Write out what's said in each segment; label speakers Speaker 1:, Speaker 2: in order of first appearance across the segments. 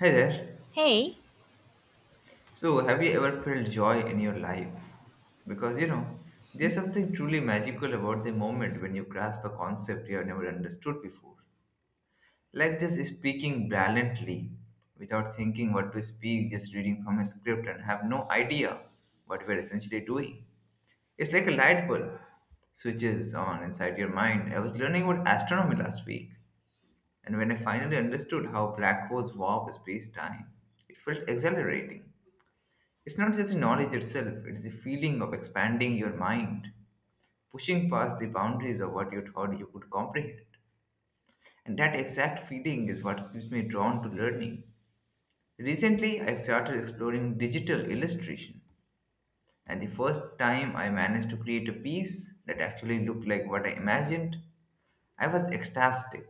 Speaker 1: Hi there.
Speaker 2: Hey,
Speaker 1: So, have you ever felt joy in your life? Because you know, there's something truly magical about the moment when you grasp a concept you have never understood before. Like just speaking brilliantly without thinking what to speak, just reading from a script and have no idea what we're essentially doing. It's like a light bulb switches on inside your mind. I was learning about astronomy last week, and when I finally understood how black holes warp space time, it felt exhilarating. It's not just the knowledge itself, it's the feeling of expanding your mind, pushing past the boundaries of what you thought you could comprehend. And that exact feeling is what keeps me drawn to learning. Recently, I started exploring digital illustration, and the first time I managed to create a piece that actually looked like what I imagined, I was ecstatic.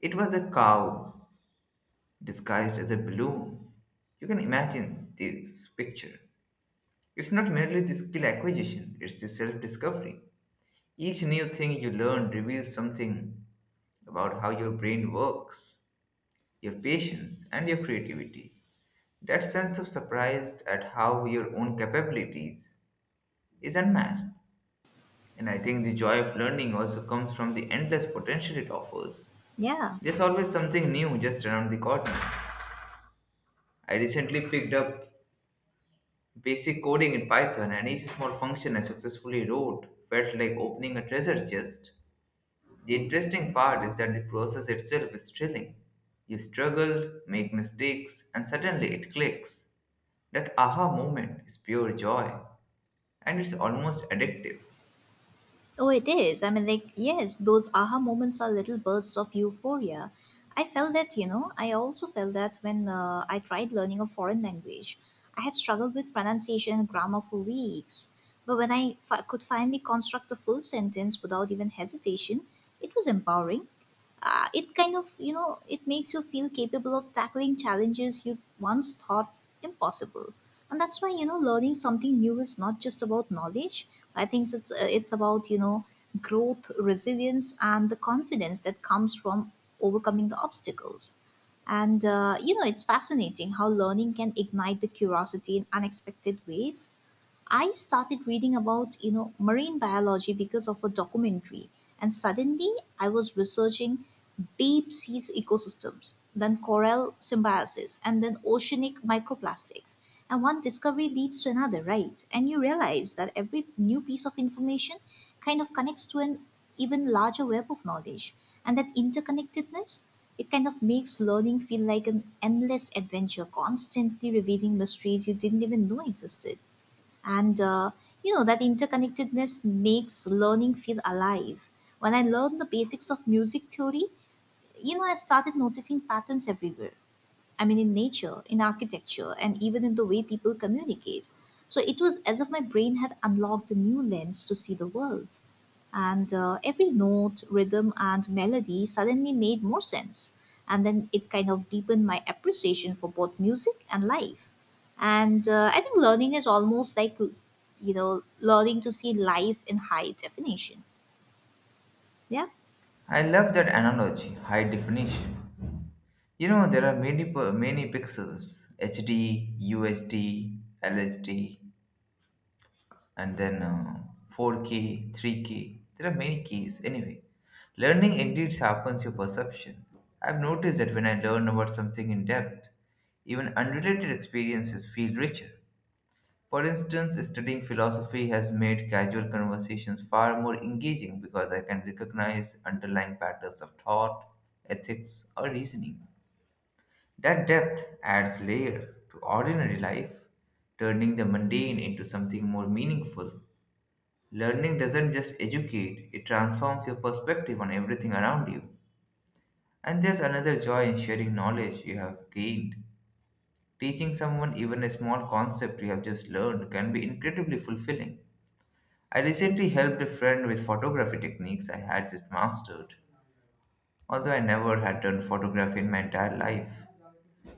Speaker 1: It was a cow disguised as a balloon. You can imagine this picture. It's not merely the skill acquisition, it's the self discovery. Each new thing you learn reveals something about how your brain works, your patience, and your creativity. That sense of surprise at how your own capabilities is unmatched. And I think the joy of learning also comes from the endless potential it offers.
Speaker 2: yeah.
Speaker 1: There's always something new just around the corner. I recently picked up basic coding in Python, and each small function I successfully wrote felt like opening a treasure chest. The interesting part is that the process itself is thrilling. You struggle, make mistakes, and suddenly it clicks. That aha moment is pure joy, and it's almost addictive.
Speaker 2: Oh, it is. I mean, like, yes, those aha moments are little bursts of euphoria. I felt that, you know, I also felt that when I tried learning a foreign language. I had struggled with pronunciation and grammar for weeks. But when I could finally construct a full sentence without even hesitation, it was empowering. Uh, it kind of it makes you feel capable of tackling challenges you once thought impossible. And that's why, you know, learning something new is not just about knowledge. I think it's about, you know, growth, resilience, and the confidence that comes from overcoming the obstacles. And you know, it's fascinating how learning can ignite the curiosity in unexpected ways. I started reading about, you know, marine biology because of a documentary, and suddenly I was researching deep seas ecosystems, then coral symbiosis, and then oceanic microplastics. And one discovery leads to another, right? And you realize that every new piece of information kind of connects to an even larger web of knowledge. And that interconnectedness, it kind of makes learning feel like an endless adventure, constantly revealing mysteries you didn't even know existed. And you know, that interconnectedness makes learning feel alive. When I learned the basics of music theory, you know, I started noticing patterns everywhere. I mean, in nature, in architecture, and even in the way people communicate. So it was as if my brain had unlocked a new lens to see the world. And every note, rhythm, and melody suddenly made more sense. And then it kind of deepened my appreciation for both music and life. And I think learning is almost like, you know, learning to see life in high definition. Yeah.
Speaker 1: I love that analogy, high definition. You know, there are many, per- many pixels HD, USD, LSD, and then 4K, 3K. There are many keys. Anyway, learning indeed sharpens your perception. I've noticed that when I learn about something in depth, even unrelated experiences feel richer. For instance, studying philosophy has made casual conversations far more engaging because I can recognize underlying patterns of thought, ethics, or reasoning. That depth adds layer to ordinary life, turning the mundane into something more meaningful. Learning doesn't just educate, it transforms your perspective on everything around you. And there's another joy in sharing knowledge you have gained. Teaching someone even a small concept you have just learned can be incredibly fulfilling. I recently helped a friend with photography techniques I had just mastered, although I never had done photography in my entire life.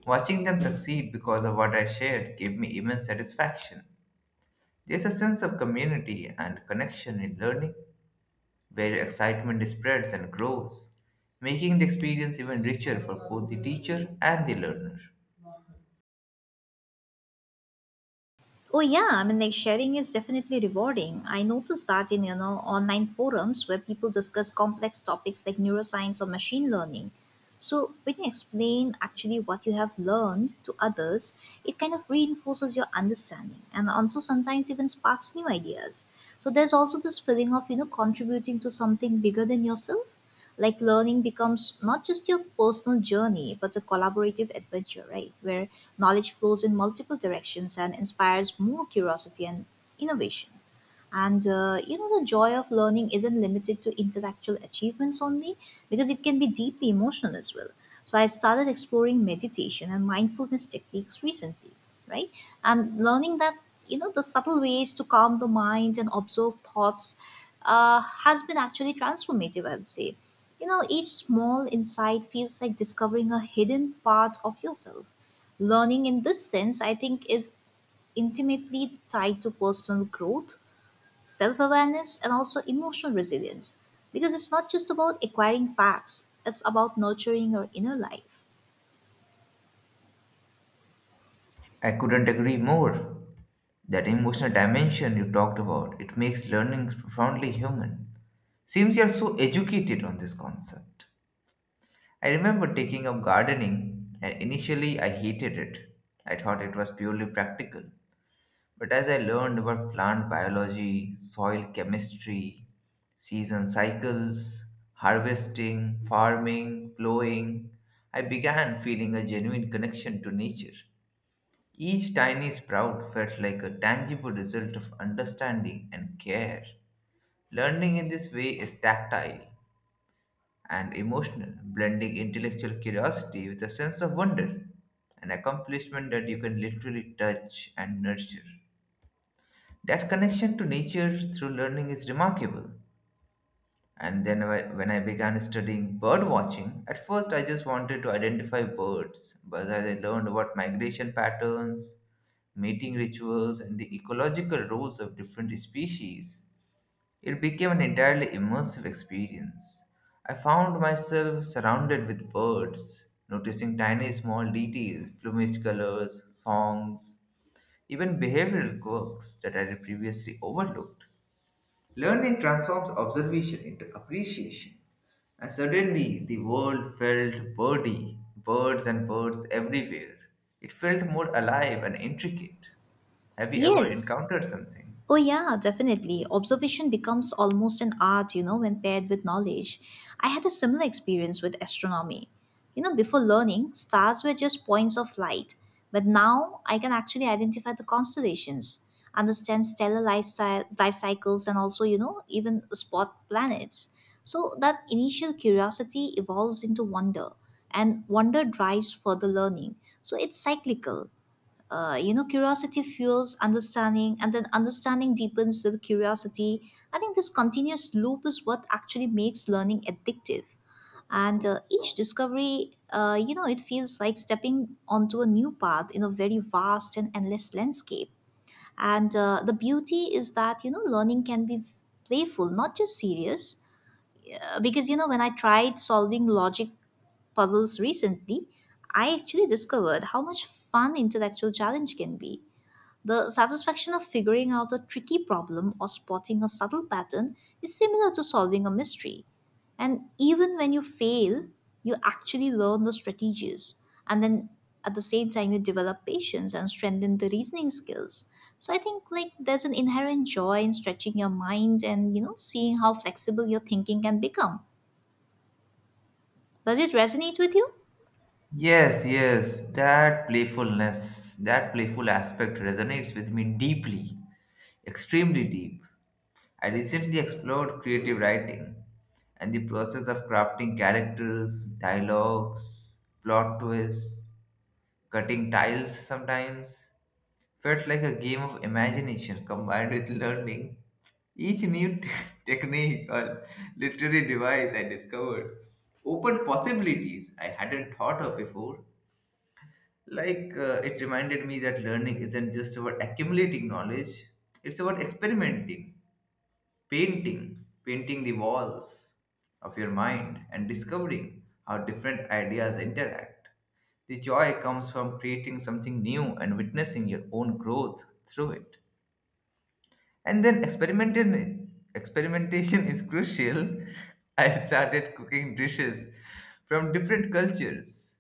Speaker 1: Watching them succeed because of what I shared gave me immense satisfaction. There's a sense of community and connection in learning where excitement spreads and grows, making the experience even richer for both the teacher and the learner.
Speaker 2: Oh yeah, I mean, like, sharing is definitely rewarding. I noticed that in, you know, online forums where people discuss complex topics like neuroscience or machine learning. So when you explain actually what you have learned to others, it kind of reinforces your understanding and also sometimes even sparks new ideas. So there's also this feeling of, you know, contributing to something bigger than yourself, like learning becomes not just your personal journey but a collaborative adventure, right, where knowledge flows in multiple directions and inspires more curiosity and innovation. And you know, the joy of learning isn't limited to intellectual achievements only, because it can be deeply emotional as well. So I started exploring meditation and mindfulness techniques recently, right? And learning that, you know, the subtle ways to calm the mind and observe thoughts has been actually transformative, I would say. You know, each small insight feels like discovering a hidden part of yourself. Learning in this sense, I think, is intimately tied to personal growth, self awareness, and also emotional resilience. Because it's not just about acquiring facts, it's about nurturing your inner life.
Speaker 1: I couldn't agree more. That emotional dimension you talked about, it makes learning profoundly human. Seems you are so educated on this concept. I remember taking up gardening and initially I hated it. I thought it was purely practical. But as I learned about plant biology, soil chemistry, season cycles, harvesting, farming, plowing, I began feeling a genuine connection to nature. Each tiny sprout felt like a tangible result of understanding and care. Learning in this way is tactile and emotional, blending intellectual curiosity with a sense of wonder, an accomplishment that you can literally touch and nurture. That connection to nature through learning is remarkable. And then when I began studying bird watching, at first I just wanted to identify birds, but as I learned about migration patterns, mating rituals, and the ecological roles of different species, it became an entirely immersive experience. I found myself surrounded with birds, noticing tiny small details, plumage colors, songs, even behavioral quirks that I had previously overlooked. Learning transforms observation into appreciation, and suddenly the world felt birdy, birds and birds everywhere. It felt more alive and intricate. Have you ever
Speaker 2: Yes.
Speaker 1: encountered something?
Speaker 2: Oh, yeah, definitely. Observation becomes almost an art, you know, when paired with knowledge. I had a similar experience with astronomy. You know, before learning, stars were just points of light, but now I can actually identify the constellations, understand stellar lifestyle, life cycles, and also, you know, even spot planets. So that initial curiosity evolves into wonder, and wonder drives further learning. So it's cyclical. You know, curiosity fuels understanding, and then understanding deepens the curiosity. I think this continuous loop is what actually makes learning addictive. And each discovery, you know, it feels like stepping onto a new path in a very vast and endless landscape. And the beauty is that, you know, learning can be playful, not just serious. Because, you know, when I tried solving logic puzzles recently, I actually discovered how much fun intellectual challenge can be. The satisfaction of figuring out a tricky problem or spotting a subtle pattern is similar to solving a mystery. And even when you fail, you actually learn the strategies. And then at the same time, you develop patience and strengthen the reasoning skills. So I think, like, there's an inherent joy in stretching your mind and, you know, seeing how flexible your thinking can become. Does it resonate with you?
Speaker 1: Yes, yes, that playfulness, that playful aspect resonates with me deeply, extremely deep. I recently explored creative writing and the process of crafting characters, dialogues, plot twists, cutting tiles sometimes felt like a game of imagination combined with learning each new technique or literary device I discovered opened possibilities I hadn't thought of before. It reminded me that learning isn't just about accumulating knowledge, it's about experimenting, painting the walls of your mind and discovering how different ideas interact. The joy comes from creating something new and witnessing your own growth through it. And then experimentation is crucial. I started cooking dishes from different cultures.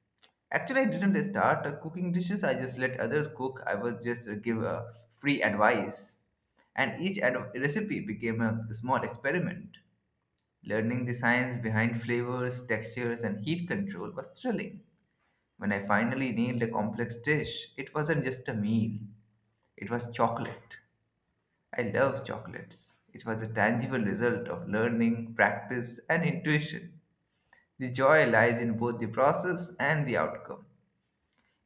Speaker 1: Actually, I didn't start cooking dishes. I just let others cook. I was just give free advice, and each recipe became a small experiment. Learning the science behind flavors, textures, and heat control was thrilling. When I finally nailed a complex dish, it wasn't just a meal; it was chocolate. I love chocolates. It was a tangible result of learning, practice, and intuition. The joy lies in both the process and the outcome.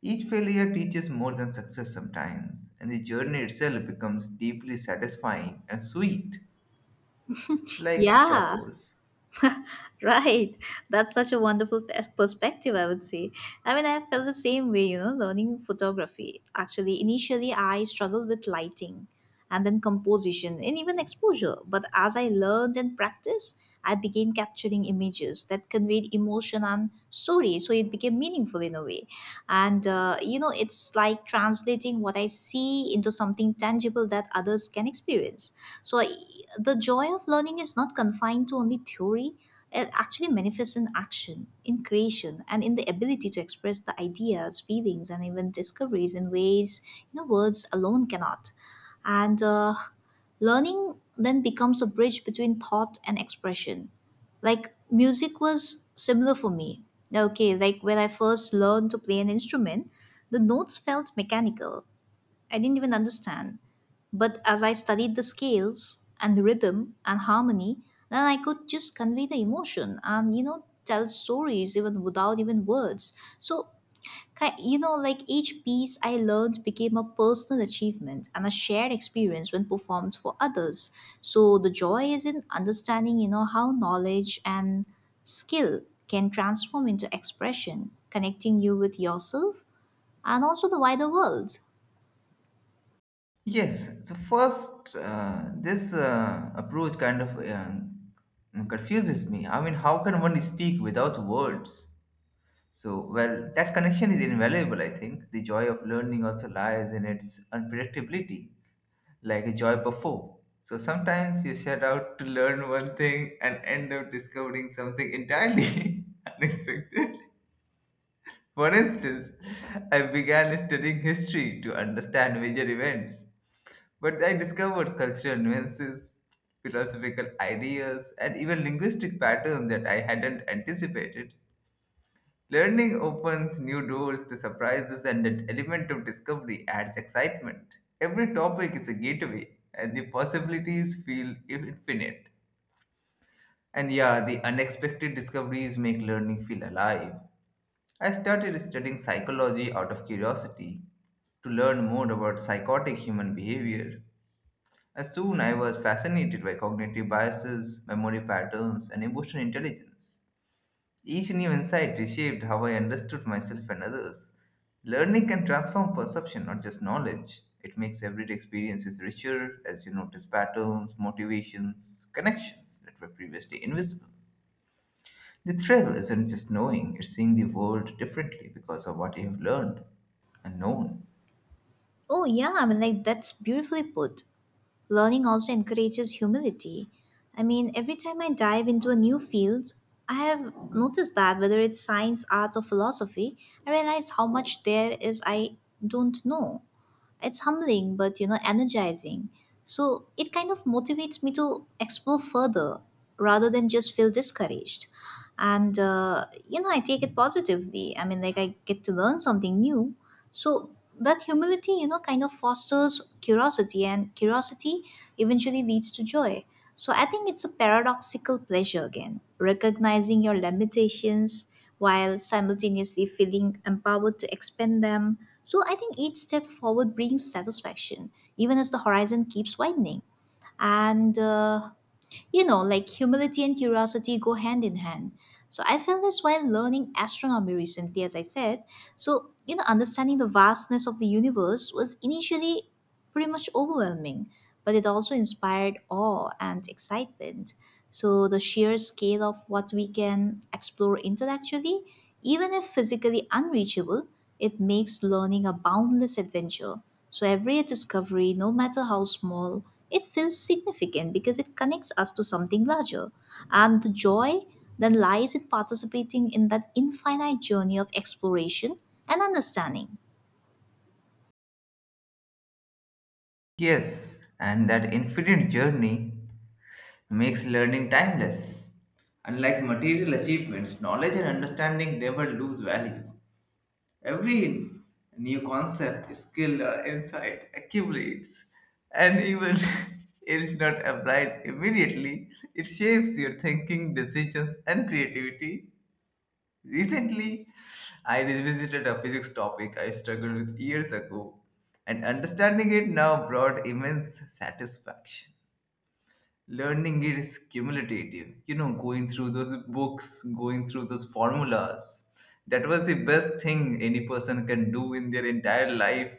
Speaker 1: Each failure teaches more than success sometimes, and the journey itself becomes deeply satisfying and sweet, like
Speaker 2: Yeah.
Speaker 1: chocos.
Speaker 2: Right. That's such a wonderful perspective, I would say. I mean, I felt the same way, you know, learning photography. Actually, initially, I struggled with lighting and then composition and even exposure. But as I learned and practiced, I began capturing images that conveyed emotion and story. So it became meaningful in a way. And, you know, it's like translating what I see into something tangible that others can experience. So the joy of learning is not confined to only theory. It actually manifests in action, in creation, and in the ability to express the ideas, feelings, and even discoveries in ways, you know, words alone cannot. And learning then becomes a bridge between thought and expression. Like music was similar for me. Okay, like when I first learned to play an instrument, the notes felt mechanical. I didn't even understand, but as I studied the scales and the rhythm and harmony, then I could just convey the emotion and, you know, tell stories even without even words. So, you know, like each piece I learned became a personal achievement and a shared experience when performed for others. So, the joy is in understanding, you know, how knowledge and skill can transform into expression, connecting you with yourself and also the wider world.
Speaker 1: Yes, so first, this approach kind of confuses me. I mean, how can one speak without words? So, well, that connection is invaluable, I think. The joy of learning also lies in its unpredictability, like a joy before. So, sometimes you set out to learn one thing and end up discovering something entirely unexpected. For instance, I began studying history to understand major events, but I discovered cultural nuances, philosophical ideas, and even linguistic patterns that I hadn't anticipated. Learning opens new doors to surprises, and that element of discovery adds excitement. Every topic is a gateway, and the possibilities feel infinite. And yeah, the unexpected discoveries make learning feel alive. I started studying psychology out of curiosity to learn more about psychotic human behavior. As soon I was fascinated by cognitive biases, memory patterns, and emotional intelligence. Each new insight reshaped how I understood myself and others. Learning can transform perception, not just knowledge. It makes everyday experiences richer as you notice patterns, motivations, connections that were previously invisible. The thrill isn't just knowing, it's seeing the world differently because of what you have learned and known.
Speaker 2: Oh, yeah, I mean, like that's beautifully put. Learning also encourages humility. I mean, every time I dive into a new field, I have noticed that whether it's science, arts, or philosophy, I realize how much there is I don't know. It's humbling but, you know, energizing. So it kind of motivates me to explore further rather than just feel discouraged. And you know, I take it positively. I mean, like, I get to learn something new. So that humility, you know, kind of fosters curiosity, and curiosity eventually leads to joy. So I think it's a paradoxical pleasure, again recognizing your limitations while simultaneously feeling empowered to expand them. So I think each step forward brings satisfaction, even as the horizon keeps widening. And, you know, like humility and curiosity go hand in hand. So I felt this while learning astronomy recently, as I said. So, you know, understanding the vastness of the universe was initially pretty much overwhelming, but it also inspired awe and excitement. So, the sheer scale of what we can explore intellectually, even if physically unreachable, it makes learning a boundless adventure. So, every discovery, no matter how small, it feels significant because it connects us to something larger. And the joy then lies in participating in that infinite journey of exploration and understanding.
Speaker 1: Yes, and that infinite journey makes learning timeless. Unlike material achievements, knowledge and understanding never lose value. Every new concept, skill, or insight accumulates, and even it is not applied immediately, it shapes your thinking, decisions, and creativity. Recently, I revisited a physics topic I struggled with years ago, and understanding it now brought immense satisfaction. Learning is cumulative. You know, going through those books, going through those formulas. That was the best thing any person can do in their entire life.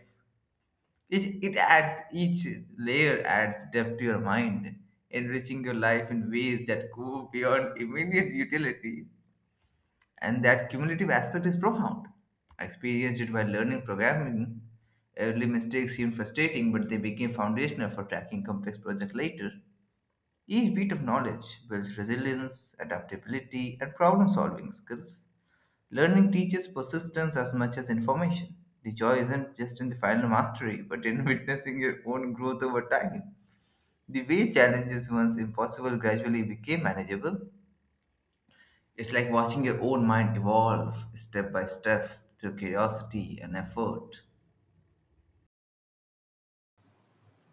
Speaker 1: It adds, each layer adds depth to your mind, enriching your life in ways that go beyond immediate utility. And that cumulative aspect is profound. I experienced it by learning programming. Early mistakes seemed frustrating, but they became foundational for tracking complex projects later. Each bit of knowledge builds resilience, adaptability, and problem solving skills. Learning teaches persistence as much as information. The joy isn't just in the final mastery, but in witnessing your own growth over time. The way challenges once impossible gradually became manageable. It's like watching your own mind evolve step by step through curiosity and effort.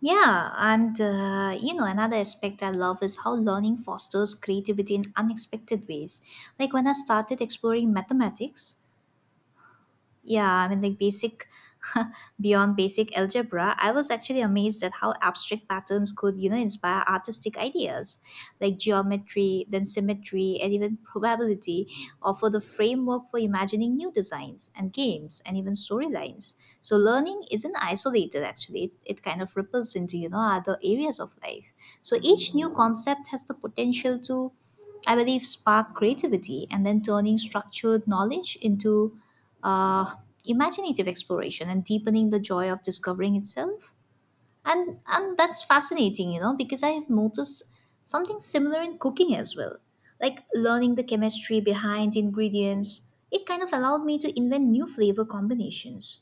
Speaker 2: Yeah, and you know, another aspect I love is how learning fosters creativity in unexpected ways. Like when I started exploring mathematics, yeah, I mean, like basic, beyond basic algebra, I was actually amazed at how abstract patterns could, you know, inspire artistic ideas. Like geometry, then symmetry, and even probability offer the framework for imagining new designs and games and even storylines. So learning isn't isolated, actually, it kind of ripples into, you know, other areas of life. So each new concept has the potential to, I believe, spark creativity and then turning structured knowledge into uh, imaginative exploration and deepening the joy of discovering itself. And that's fascinating, you know, because I have noticed something similar in cooking as well. Like learning the chemistry behind ingredients, it kind of allowed me to invent new flavor combinations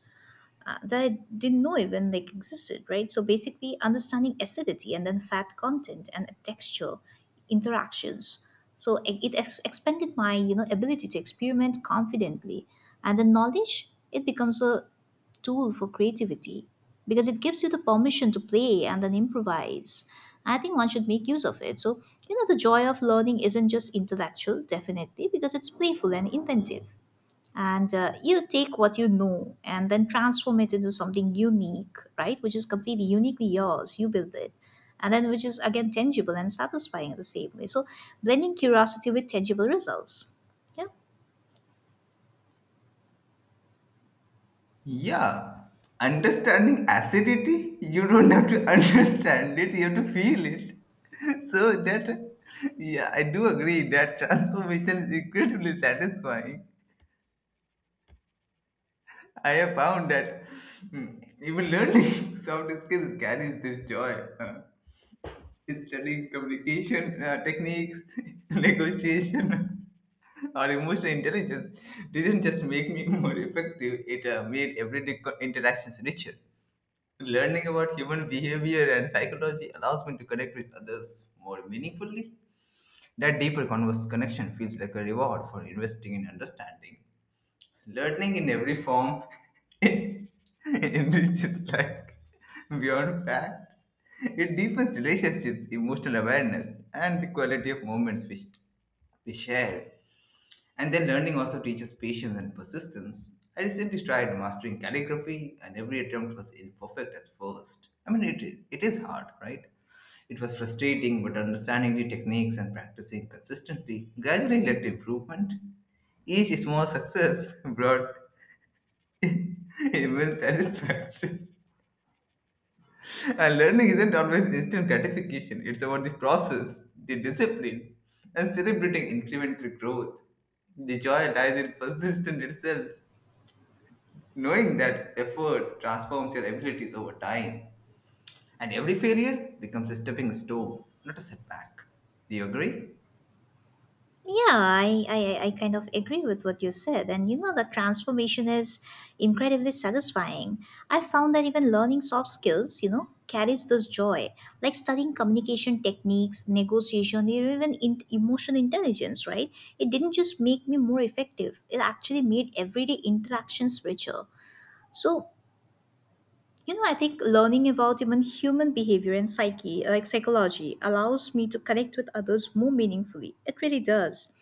Speaker 2: that I didn't know even like existed, right? So basically, understanding acidity and then fat content and texture interactions. So it expanded my, you know, ability to experiment confidently, and the knowledge, it becomes a tool for creativity, because it gives you the permission to play and then improvise. I think one should make use of it. So, you know, the joy of learning isn't just intellectual, definitely, because it's playful and inventive. And you take what you know and then transform it into something unique, right, which is completely uniquely yours. You build it, and then which is again tangible and satisfying in the same way. So blending curiosity with tangible results. Yeah.
Speaker 1: Yeah, understanding acidity, you don't have to understand it, you have to feel it. So that, yeah, I do agree that transformation is incredibly satisfying. I have found that hmm, even learning soft skills carries this joy. Huh. Studying communication techniques, negotiation, or emotional intelligence didn't just make me more effective, it made everyday interactions richer. Learning about human behavior and psychology allows me to connect with others more meaningfully. That deeper converse connection feels like a reward for investing in understanding. Learning in every form enriches life beyond facts. It deepens relationships, emotional awareness, and the quality of moments we share. And then learning also teaches patience and persistence. I recently tried mastering calligraphy, and every attempt was imperfect at first. I mean, it is hard, right? It was frustrating, but understanding the techniques and practicing consistently gradually led to improvement. Each small success brought immense satisfaction. And learning isn't always instant gratification, it's about the process, the discipline, and celebrating incremental growth. The joy lies in persistence itself, knowing that effort transforms your abilities over time, and every failure becomes a stepping stone, not a setback. Do you agree?
Speaker 2: Yeah, I kind of agree with what you said. And you know, the transformation is incredibly satisfying. I found that even learning soft skills, you know, carries this joy, like studying communication techniques, negotiation, or even in, emotional intelligence, right? It didn't just make me more effective, it actually made everyday interactions richer. So you know, I think learning about even human behavior and psyche, like psychology, allows me to connect with others more meaningfully. It really does.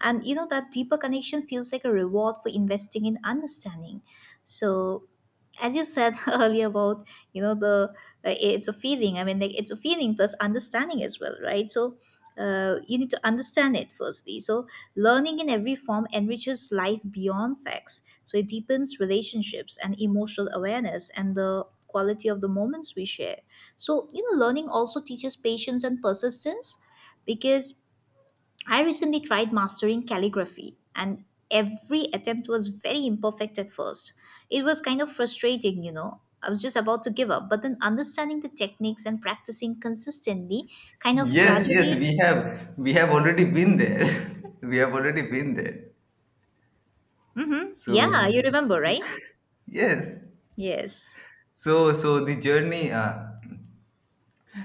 Speaker 2: And you know, that deeper connection feels like a reward for investing in understanding. So as you said earlier about you know the it's a feeling. I mean, like, it's a feeling plus understanding as well, right? So you need to understand it firstly. So learning in every form enriches life beyond facts. So it deepens relationships and emotional awareness and the quality of the moments we share. So, learning also teaches patience and persistence, because I recently tried mastering calligraphy, and every attempt was very imperfect at first. It was kind of frustrating, I was just about to give up, but then understanding the techniques and practicing consistently, kind of
Speaker 1: Yes, yes,
Speaker 2: gradually.
Speaker 1: we have already been there. We have already been there.
Speaker 2: Mm-hmm. Yeah,
Speaker 1: So,
Speaker 2: you remember,
Speaker 1: yeah.
Speaker 2: right?
Speaker 1: yes.
Speaker 2: Yes.
Speaker 1: So, so the journey.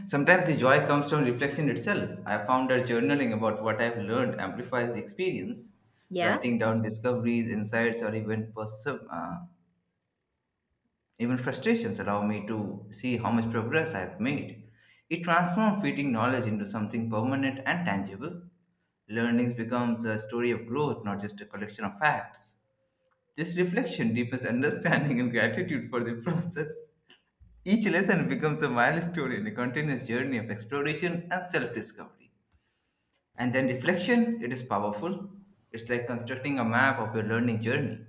Speaker 1: Sometimes the joy comes from reflection itself. I found that journaling about what I've learned amplifies the experience.
Speaker 2: Yeah.
Speaker 1: Writing down discoveries, insights, or even even frustrations allow me to see how much progress I've made. It transforms fleeting knowledge into something permanent and tangible. Learnings becomes a story of growth, not just a collection of facts. This reflection deepens understanding and gratitude for the process. Each lesson becomes a milestone in a continuous journey of exploration and self discovery. And then reflection, it is powerful. It's like constructing a map of your learning journey.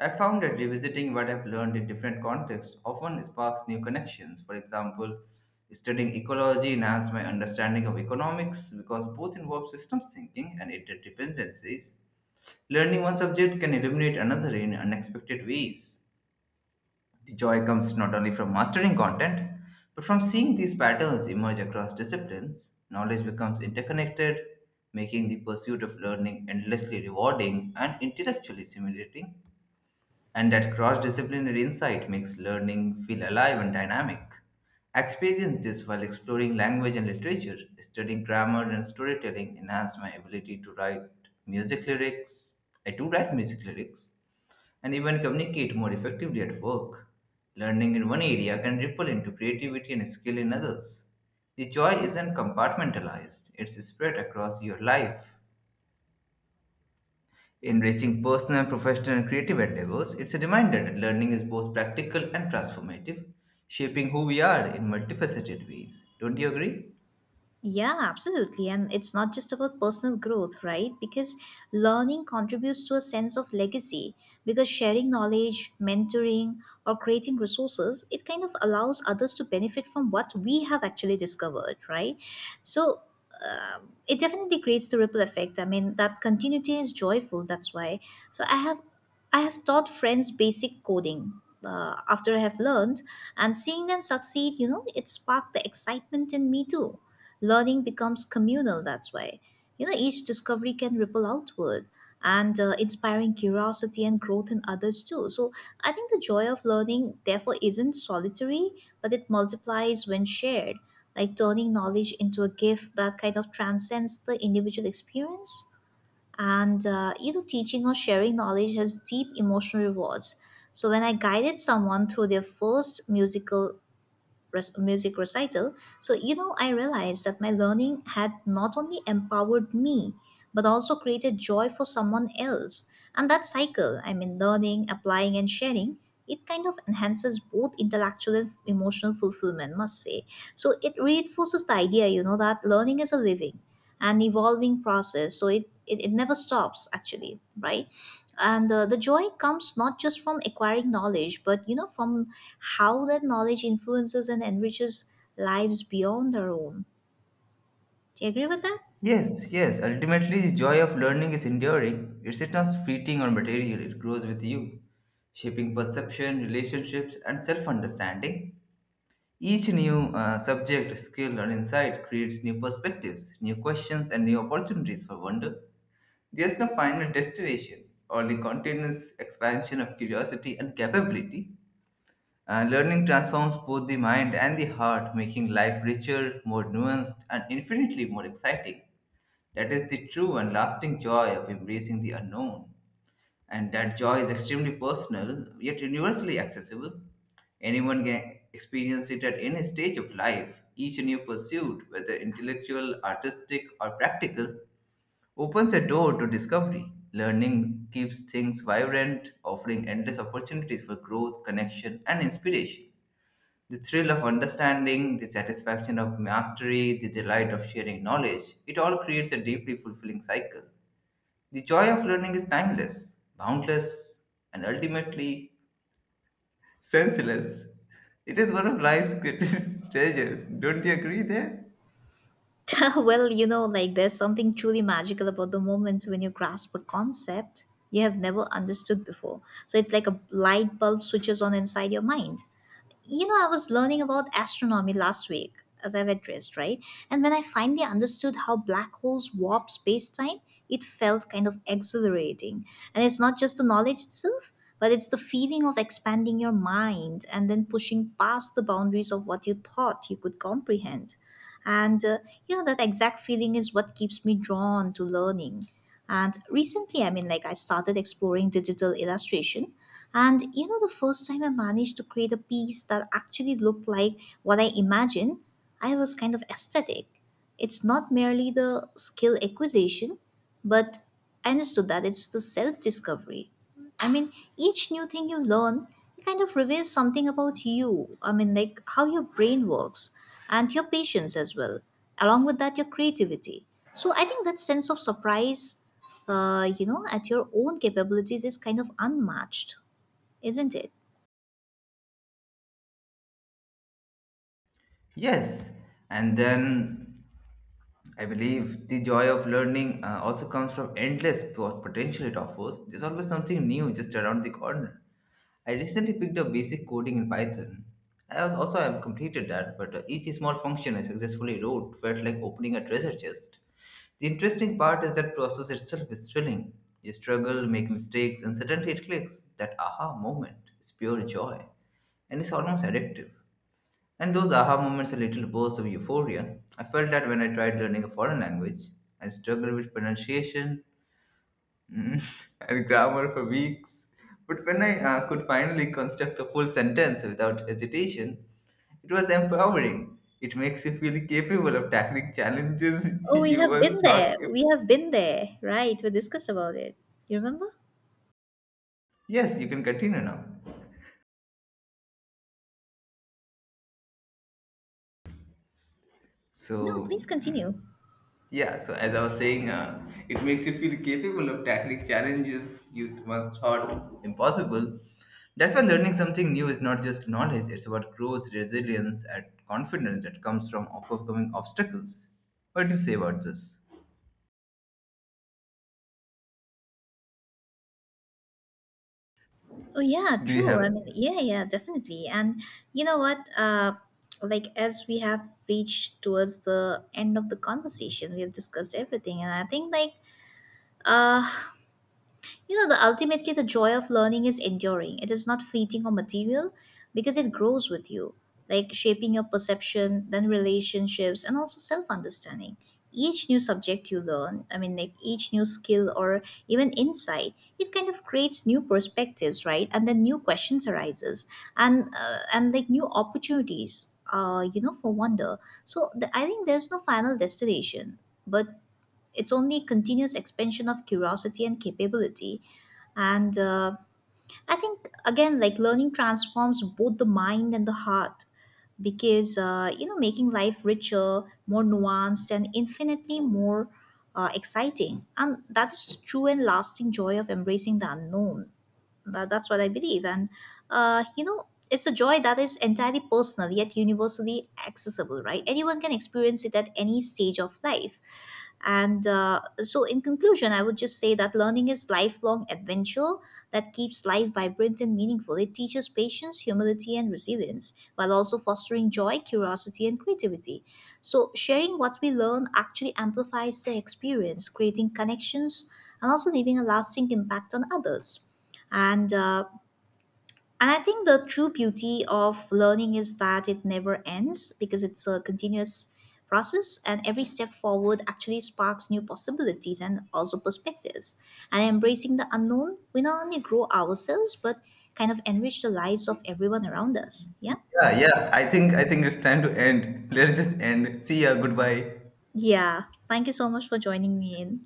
Speaker 1: I found that revisiting what I've learned in different contexts often sparks new connections. For example, studying ecology enhanced my understanding of economics because both involve systems thinking and interdependencies. Learning one subject can illuminate another in unexpected ways. The joy comes not only from mastering content, but from seeing these patterns emerge across disciplines. Knowledge becomes interconnected, making the pursuit of learning endlessly rewarding and intellectually stimulating. And that cross disciplinary insight makes learning feel alive and dynamic. I experienced this while exploring language and literature, studying grammar and storytelling enhanced my ability to write music lyrics. I do write music lyrics, and even communicate more effectively at work. Learning in one area can ripple into creativity and skill in others. The joy isn't compartmentalized, it's spread across your life. Enriching personal, professional, and creative endeavors, it's a reminder that learning is both practical and transformative, shaping who we are in multifaceted ways. Don't you agree?
Speaker 2: Yeah, absolutely. And it's not just about personal growth, right? Because learning contributes to a sense of legacy. Because sharing knowledge, mentoring, or creating resources, it kind of allows others to benefit from what we have actually discovered, right? So it definitely creates the ripple effect. I mean, that continuity is joyful. That's why. So I have, I have taught friends basic coding. After I have learned and seeing them succeed, you know, it sparked the excitement in me too. Learning becomes communal that way. You know, each discovery can ripple outward and inspiring curiosity and growth in others too. So, I think the joy of learning, therefore, isn't solitary, but it multiplies when shared, like turning knowledge into a gift that kind of transcends the individual experience. And, you know, teaching or sharing knowledge has deep emotional rewards. So, when I guided someone through their first music recital. So, you know, I realized that my learning had not only empowered me, but also created joy for someone else. And that cycle, I mean, learning, applying, and sharing, it kind of enhances both intellectual and emotional fulfillment, must say. So it reinforces the idea, you know, that learning is a living and evolving process. So it never stops, actually, right? And the joy comes not just from acquiring knowledge, but, you know, from how that knowledge influences and enriches lives beyond our own. Do you agree with that?
Speaker 1: Yes, yes. Ultimately, the joy of learning is enduring. It's not fleeting or material, it grows with you, shaping perception, relationships, and self understanding. Each new subject, skill, or insight creates new perspectives, new questions, and new opportunities for wonder. There's no final destination, only continuous expansion of curiosity and capability. Learning transforms both the mind and the heart, making life richer, more nuanced, and infinitely more exciting. That is the true and lasting joy of embracing the unknown. And that joy is extremely personal, yet universally accessible. Anyone can experience it at any stage of life. Each new pursuit, whether intellectual, artistic, or practical, opens a door to discovery. Learning keeps things vibrant, offering endless opportunities for growth, connection, and inspiration. The thrill of understanding, the satisfaction of mastery, the delight of sharing knowledge, it all creates a deeply fulfilling cycle. The joy of learning is timeless, boundless, and ultimately senseless. It is one of life's greatest treasures. Don't you agree there?
Speaker 2: Well, you know, like there's something truly magical about the moment when you grasp a concept you have never understood before. So it's like a light bulb switches on inside your mind. You know, I was learning about astronomy last week, as I've addressed, right? And when I finally understood how black holes warp space time, it felt kind of exhilarating. And it's not just the knowledge itself, but it's the feeling of expanding your mind and then pushing past the boundaries of what you thought you could comprehend. And you know, that exact feeling is what keeps me drawn to learning. And recently, I mean, like, I started exploring digital illustration. And you know, the first time I managed to create a piece that actually looked like what I imagined, I was kind of ecstatic. It's not merely the skill acquisition, but I understood that it's the self discovery. I mean, each new thing you learn kind of reveals something about you. I mean, like how your brain works and your patience as well. Along with that, your creativity. So I think that sense of surprise, you know, at your own capabilities is kind of unmatched, isn't it?
Speaker 1: Yes. And then I believe the joy of learning also comes from endless potential it offers. There's always something new just around the corner. I recently picked up basic coding in Python. I have also have completed that, but each small function I successfully wrote felt like opening a treasure chest. The interesting part is that process itself is thrilling. You struggle, make mistakes, and suddenly it clicks. That aha moment is pure joy, and it's almost addictive. And those aha moments are little bursts of euphoria. I felt that when I tried learning a foreign language, I struggled with pronunciation, Mm, and grammar for weeks. But when I could finally construct a full sentence without hesitation, it was empowering. It makes you feel capable of tackling challenges
Speaker 2: Oh, we
Speaker 1: you
Speaker 2: have been
Speaker 1: once thought.
Speaker 2: there.
Speaker 1: If...
Speaker 2: We have been there. Right. We discussed about it. You remember?
Speaker 1: Yes, you can continue now.
Speaker 2: No,
Speaker 1: So,
Speaker 2: please
Speaker 1: mm,
Speaker 2: continue.
Speaker 1: Yeah, so as I was saying, it makes you feel capable of tackling challenges you once thought impossible. That's why learning something new is not just knowledge, it's about growth, resilience, and confidence that comes from overcoming obstacles. What do you say about this?
Speaker 2: Oh yeah,
Speaker 1: Do you have
Speaker 2: true. I
Speaker 1: it?
Speaker 2: mean, definitely. And you know what? Like as we have reached towards the end of the conversation, we have discussed everything, and I think uh you know, the ultimately the joy of learning is enduring. It is not fleeting or material because it grows with you, like shaping your perception, then relationships, and also self understanding. Each new subject you learn, I mean, like each new skill or even insight, it kind of creates new perspectives, right? And then new questions arises, and new opportunities, you know, for wonder. I think there's no final destination, but it's only continuous expansion of curiosity and capability. And I think, again, like learning transforms both the mind and the heart because, you know, making life richer, more nuanced, and infinitely more exciting. And that is the true and lasting joy of embracing the unknown. That's what I believe. And, you know, it's a joy that is entirely personal yet universally accessible, right? Anyone can experience it at any stage of life. And so, in conclusion, I would just say that learning is lifelong adventure that keeps life vibrant and meaningful. It teaches patience, humility, and resilience, while also fostering joy, curiosity, and creativity. So, sharing what we learn actually amplifies the experience, creating connections and also leaving a lasting impact on others, and uh, and I think the true beauty of learning is that it never ends, because it's a continuous process, and every step forward actually sparks new possibilities and also perspectives. And embracing the unknown, we not only grow ourselves, but kind of enrich the lives of everyone around us. Yeah.
Speaker 1: Yeah, yeah. I think it's time to end. Let's just end. See ya. Goodbye.
Speaker 2: Yeah, thank you so much for joining me in